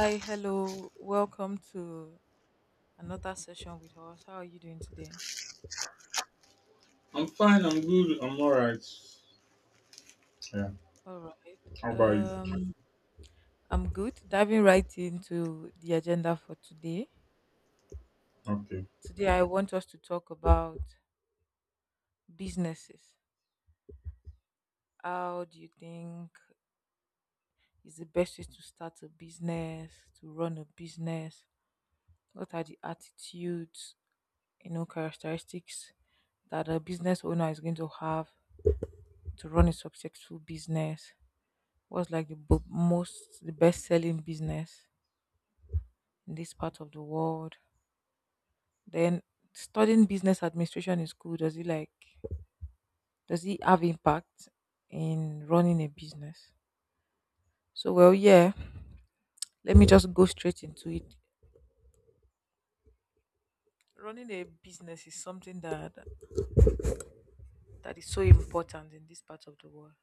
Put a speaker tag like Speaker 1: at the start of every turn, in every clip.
Speaker 1: Hi, hello. Welcome to another session with us. How are you doing today?
Speaker 2: I'm fine. I'm good. I'm all right. Yeah.
Speaker 1: All right.
Speaker 2: How about you?
Speaker 1: I'm good. Diving right into the agenda for today.
Speaker 2: Okay.
Speaker 1: Today, I want us to talk about businesses. How do you think is the best way to start a business, to run a business? What are the attitudes, characteristics that a business owner is going to have to run a successful business? What's like the best selling business in this part of the world? Then studying business administration in school, does it have impact in running a business? So, well, yeah, let me just go straight into it. Running a business is something that is so important in this part of the world,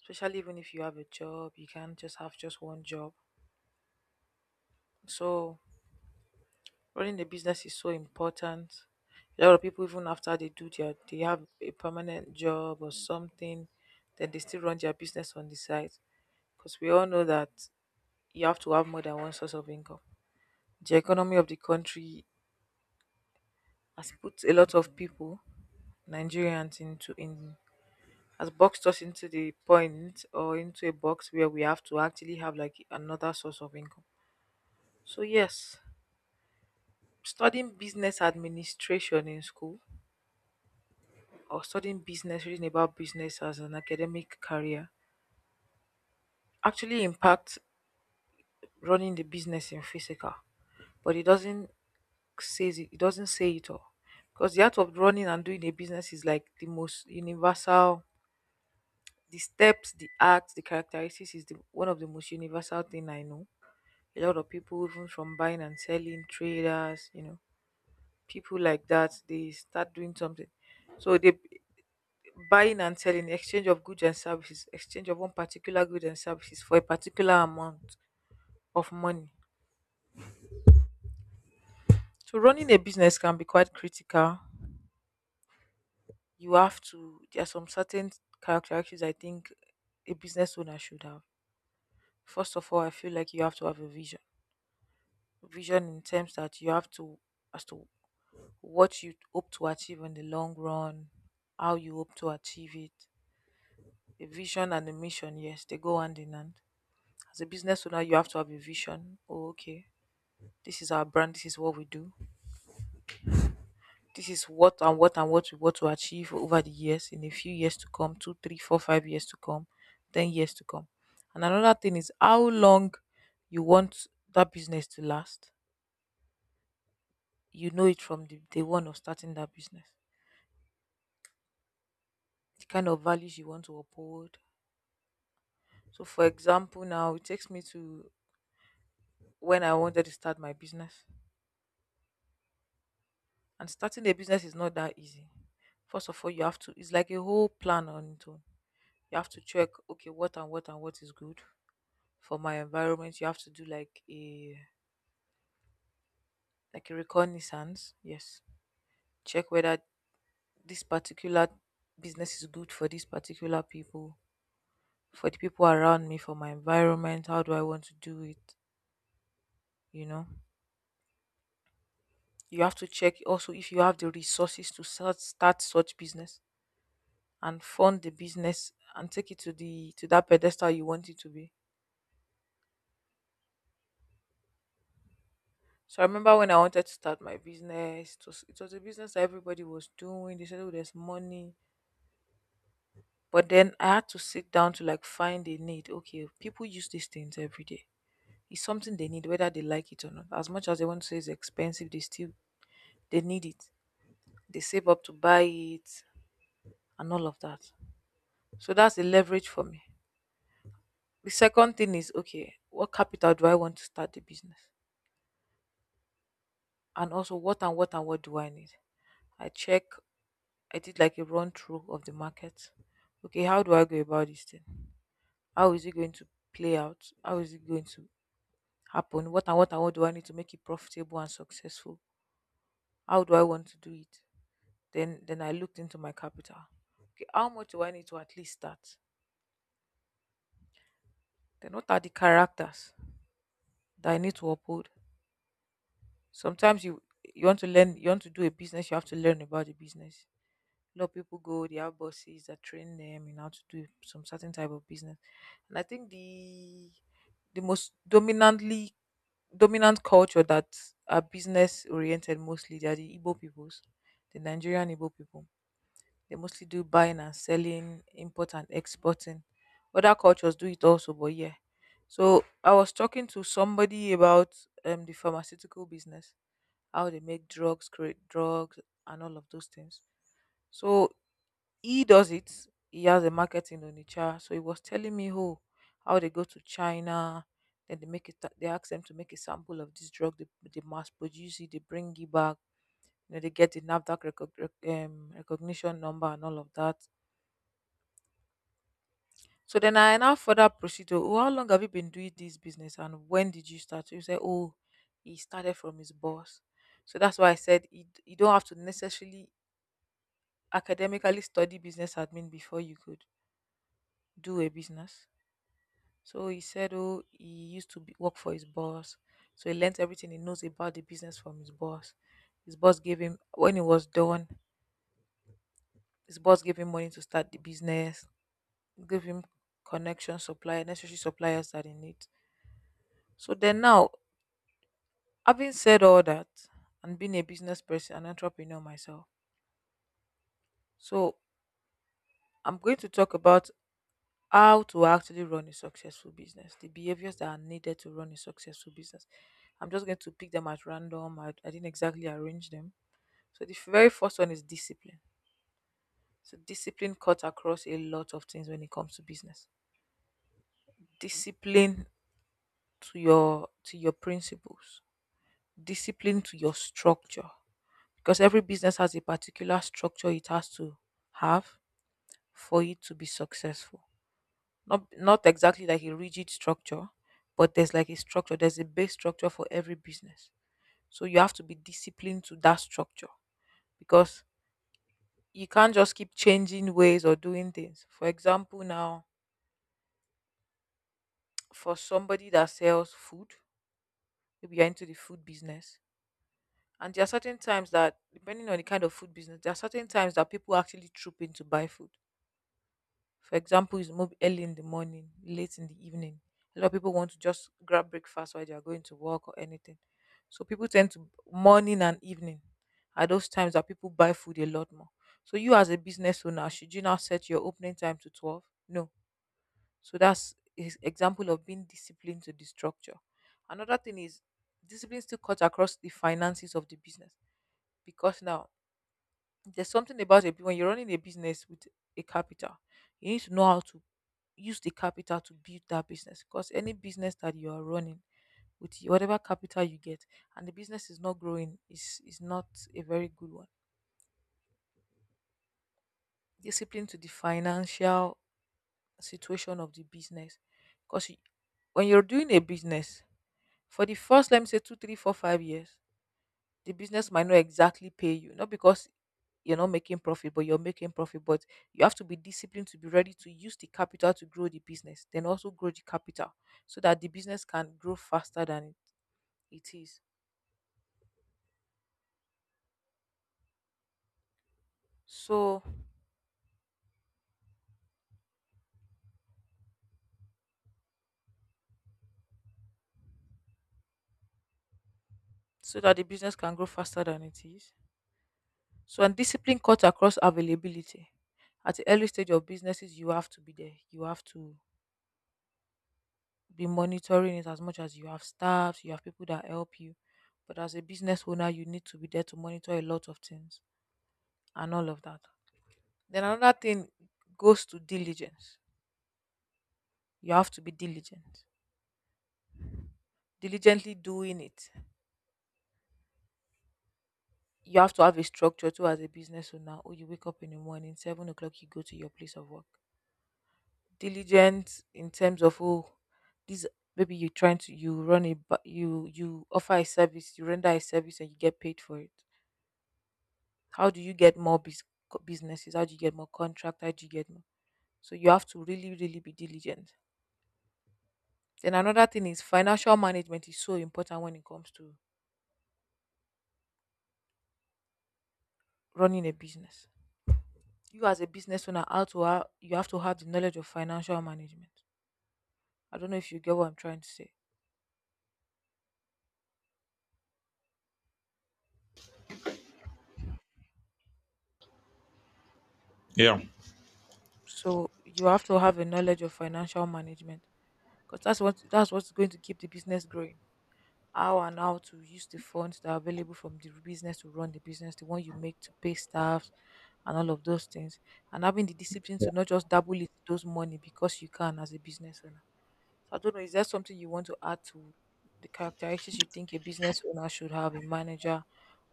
Speaker 1: especially even if you have a job, you can't just have just one job. So running a business is so important. A lot of people, even after they have a permanent job or something, then they still run their business on the side. Because we all know that you have to have more than one source of income. The economy of the country has put a lot of people, Nigerians, into in has boxed us into the point or into a box where we have to actually have like another source of income. So yes, studying business administration in school or studying business, reading about business as an academic career actually impacts running the business in physical, but it doesn't say it all. Because the art of running and doing a business is like the most universal the steps, the acts, the characteristics is the one of the most universal thing I know. A lot of people even from buying and selling traders, people like that, they start doing something. So they buying and selling, exchange of goods and services, exchange of one particular good and services for a particular amount of money. So running a business can be quite critical. You have to There are some certain characteristics I think a business owner should have. First of all, I feel like you have to have a vision. Vision in terms that you have to as to what you hope to achieve in the long run, how you hope to achieve it. A vision and a mission, yes, they go hand in hand. As a business owner, you have to have a vision. Oh, okay. This is our brand. This is what we do. This is what and what and what we want to achieve over the years, in a few years to come, 2, 3, 4, 5 years to come, 10 years to come. And another thing is how long you want that business to last. You know it from the day one of starting that business, the kind of values you want to uphold. So, for example, now it takes me to when I wanted to start my business. And starting a business is not that easy. First of all, it's like a whole plan on its own. You have to check, okay, what and what and what is good for my environment. You have to do like a reconnaissance. Yes. Check whether this particular business is good for these particular people, for the people around me, for my environment. How do I want to do it? You know? You have to check also if you have the resources to start such business and fund the business and take it to the to that pedestal you want it to be. So I remember when I wanted to start my business, it was a business that everybody was doing. They said, oh, there's money. But then I had to sit down to like find a need. Okay, people use these things every day. It's something they need, whether they like it or not. As much as they want to say it's expensive, they need it. They save up to buy it and all of that. So that's the leverage for me. The second thing is, okay, what capital do I want to start the business? And also what and what and what do I need? I check I did like a run through of the market. Okay, how do I go about this thing? How is it going to play out? How is it going to happen? What and what and what do I need to make it profitable and successful? How do I want to do it? Then I looked into my capital. Okay, how much do I need to at least start? Then what are the characters that I need to uphold? Sometimes you want to do a business, you have to learn about the business. A lot of people go, they have bosses that train them in how to do some certain type of business. And I think the most dominant culture that are business oriented, mostly they are the Igbo peoples, the Nigerian Igbo people. They mostly do buying and selling, import and exporting. Other cultures do it also, but yeah. So I was talking to somebody about the pharmaceutical business, how they make drugs, create drugs, and all of those things. So he does it. He has a market in Onitsha, so he was telling me who how they go to China, then they make it. They ask them to make a sample of this drug. They mass produce it. They bring it back. You know, they get the Nasdaq recognition number and all of that. So then I now further proceed to, oh, how long have you been doing this business and when did you start? So he said, oh, he started from his boss. So that's why I said you don't have to necessarily academically study business admin before you could do a business. So he said, oh, he used work for his boss. So he learnt everything he knows about the business from his boss. His boss gave him, when he was done, his boss gave him money to start the business, gave him connection, supplier, necessary suppliers that he needs. So then now, having said all that, and being a business person, an entrepreneur myself, so I'm going to talk about how to actually run a successful business, the behaviors that are needed to run a successful business. I'm just going to pick them at random. I didn't exactly arrange them. So the very first one is discipline. So discipline cuts across a lot of things when it comes to business. Discipline to your principles. Discipline to your structure. Because every business has a particular structure it has to have for it to be successful. Not exactly like a rigid structure, but there's like a structure. There's a base structure for every business. So you have to be disciplined to that structure because you can't just keep changing ways or doing things. For example, now for somebody that sells food, maybe you're into the food business. And there are certain times that, depending on the kind of food business, there are certain times that people actually troop in to buy food. For example, is move early in the morning, late in the evening. A lot of people want to just grab breakfast while they are going to work or anything. So people tend to, morning and evening are those times that people buy food a lot more. So you, as a business owner, should you now set your opening time to 12? No. So that's is example of being disciplined to the structure. Another thing is discipline still cuts across the finances of the business, because now there's something about it when you're running a business with a capital, you need to know how to use the capital to build that business. Because any business that you are running whatever capital you get, and the business is not growing, is not a very good one. Discipline to the financial situation of the business, because when you're doing a business for the first, let me say 2, 3, 4, 5 years, the business might not exactly pay you, not because you're not making profit but you're making profit, but you have to be disciplined to be ready to use the capital to grow the business then also grow the capital so that the business can grow faster than it is, so so that the business can grow faster than it is. So and discipline cuts across availability. At the early stage of businesses, you have to be there, you have to be monitoring it. As much as you have staffs, you have people that help you, but as a business owner, you need to be there to monitor a lot of things and all of that. Then another thing goes to diligence. You have to be diligent. Diligently doing it. You have to have a structure too as a business owner. Oh, you wake up in the morning, 7 o'clock, you go to your place of work. Diligent in terms of, oh, this, maybe you're trying to you run a you offer a service, you render a service, and you get paid for it. How do you get more businesses? How do you get more contract? How do you get more? So you have to really really be diligent. Then another thing is financial management is so important when it comes to running a business. You as a business owner, you have to have the knowledge of financial management. I don't know if you get what I'm trying to say.
Speaker 2: Yeah.
Speaker 1: So you have to have a knowledge of financial management because that's what's going to keep the business growing. How and how to use the funds that are available from the business to run the business, the one you make to pay staff and all of those things, and having the discipline to not just double it those money because you can as a business owner. So I don't know, is there something you want to add to the characteristics you think a business owner should have, a manager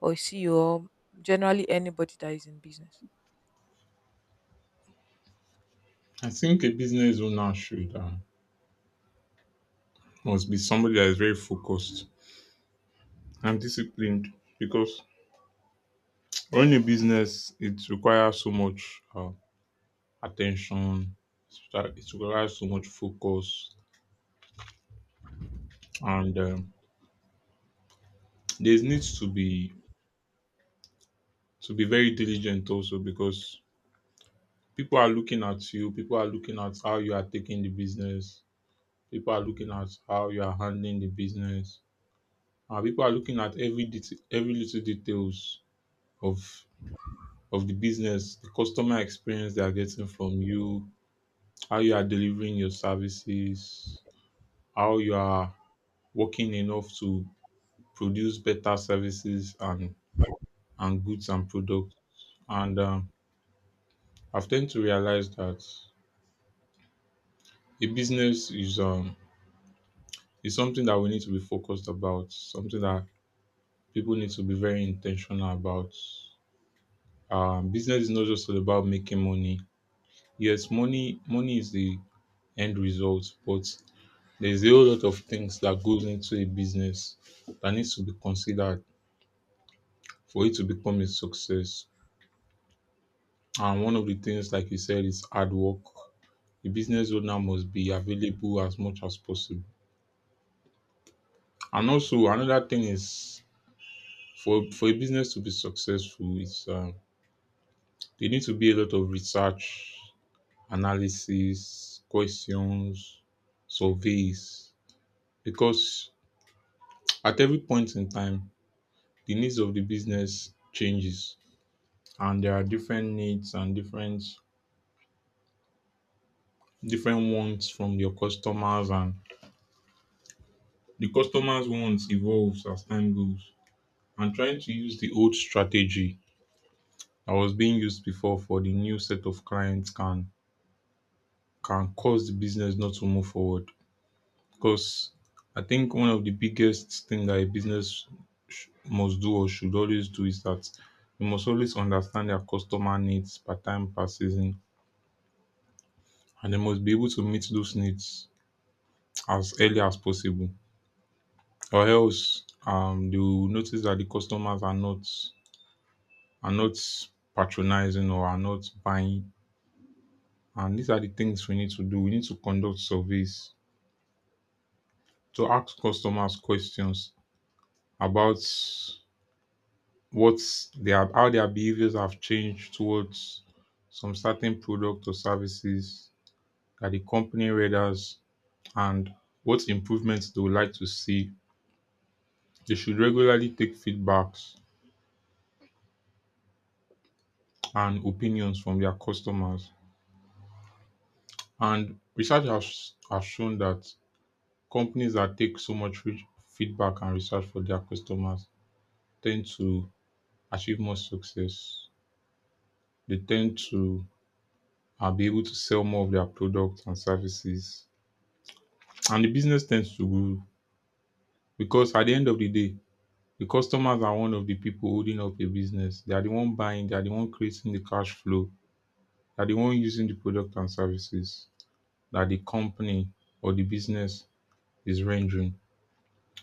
Speaker 1: or a CEO, or generally anybody that is in business?
Speaker 2: I think a business owner should must be somebody that is very focused and disciplined because running a business it requires so much attention. It requires so much focus, and there needs to be very diligent also because people are looking at you. People are looking at how you are taking the business. People are looking at how you are handling the business. Our people are looking at every detail, every little details of of the business, the customer experience they are getting from you, how you are delivering your services, how you are working enough to produce better services and goods and products. And I've tend to realize that a business is something that we need to be focused about, something that people need to be very intentional about. Business is not just all about making money. Yes, money is the end result, but there's a whole lot of things that goes into a business that needs to be considered for it to become a success. And one of the things, like you said, is hard work. The business owner must be available as much as possible. And also another thing is for a business to be successful, it's there need to be a lot of research, analysis, questions, surveys, because at every point in time the needs of the business changes and there are different needs and different wants from your customers, and the customers wants evolves as time goes, and trying to use the old strategy that was being used before for the new set of clients can cause the business not to move forward. Because I think one of the biggest thing that a business must do or should always do is that you must always understand their customer needs per time per season, and they must be able to meet those needs as early as possible, or else they will notice that the customers are not patronizing or are not buying. And these are the things we need to do, we need to conduct surveys to ask customers questions about what they are, how their behaviors have changed towards some certain product or services that the company read as, and what improvements they would like to see. They should regularly take feedbacks and opinions from their customers. And research has shown that companies that take so much feedback and research for their customers tend to achieve more success. They tend to be able to sell more of their products and services. And the business tends to grow because at the end of the day, the customers are one of the people holding up a business. They are the one buying, they are the one creating the cash flow, they are the one using the product and services that the company or the business is rendering.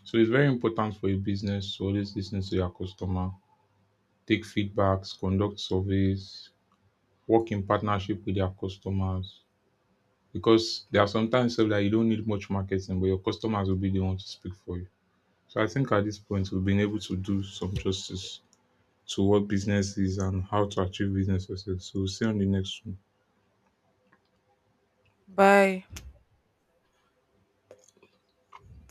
Speaker 2: So it's very important for a business to always listen to their customer, take feedbacks, conduct surveys, work in partnership with their customers. Because there are sometimes sef that you don't need much marketing, but your customers will be the one to speak for you. So I think at this point we've been able to do some justice to what business is and how to achieve business success. So we'll see you on the next one.
Speaker 1: Bye.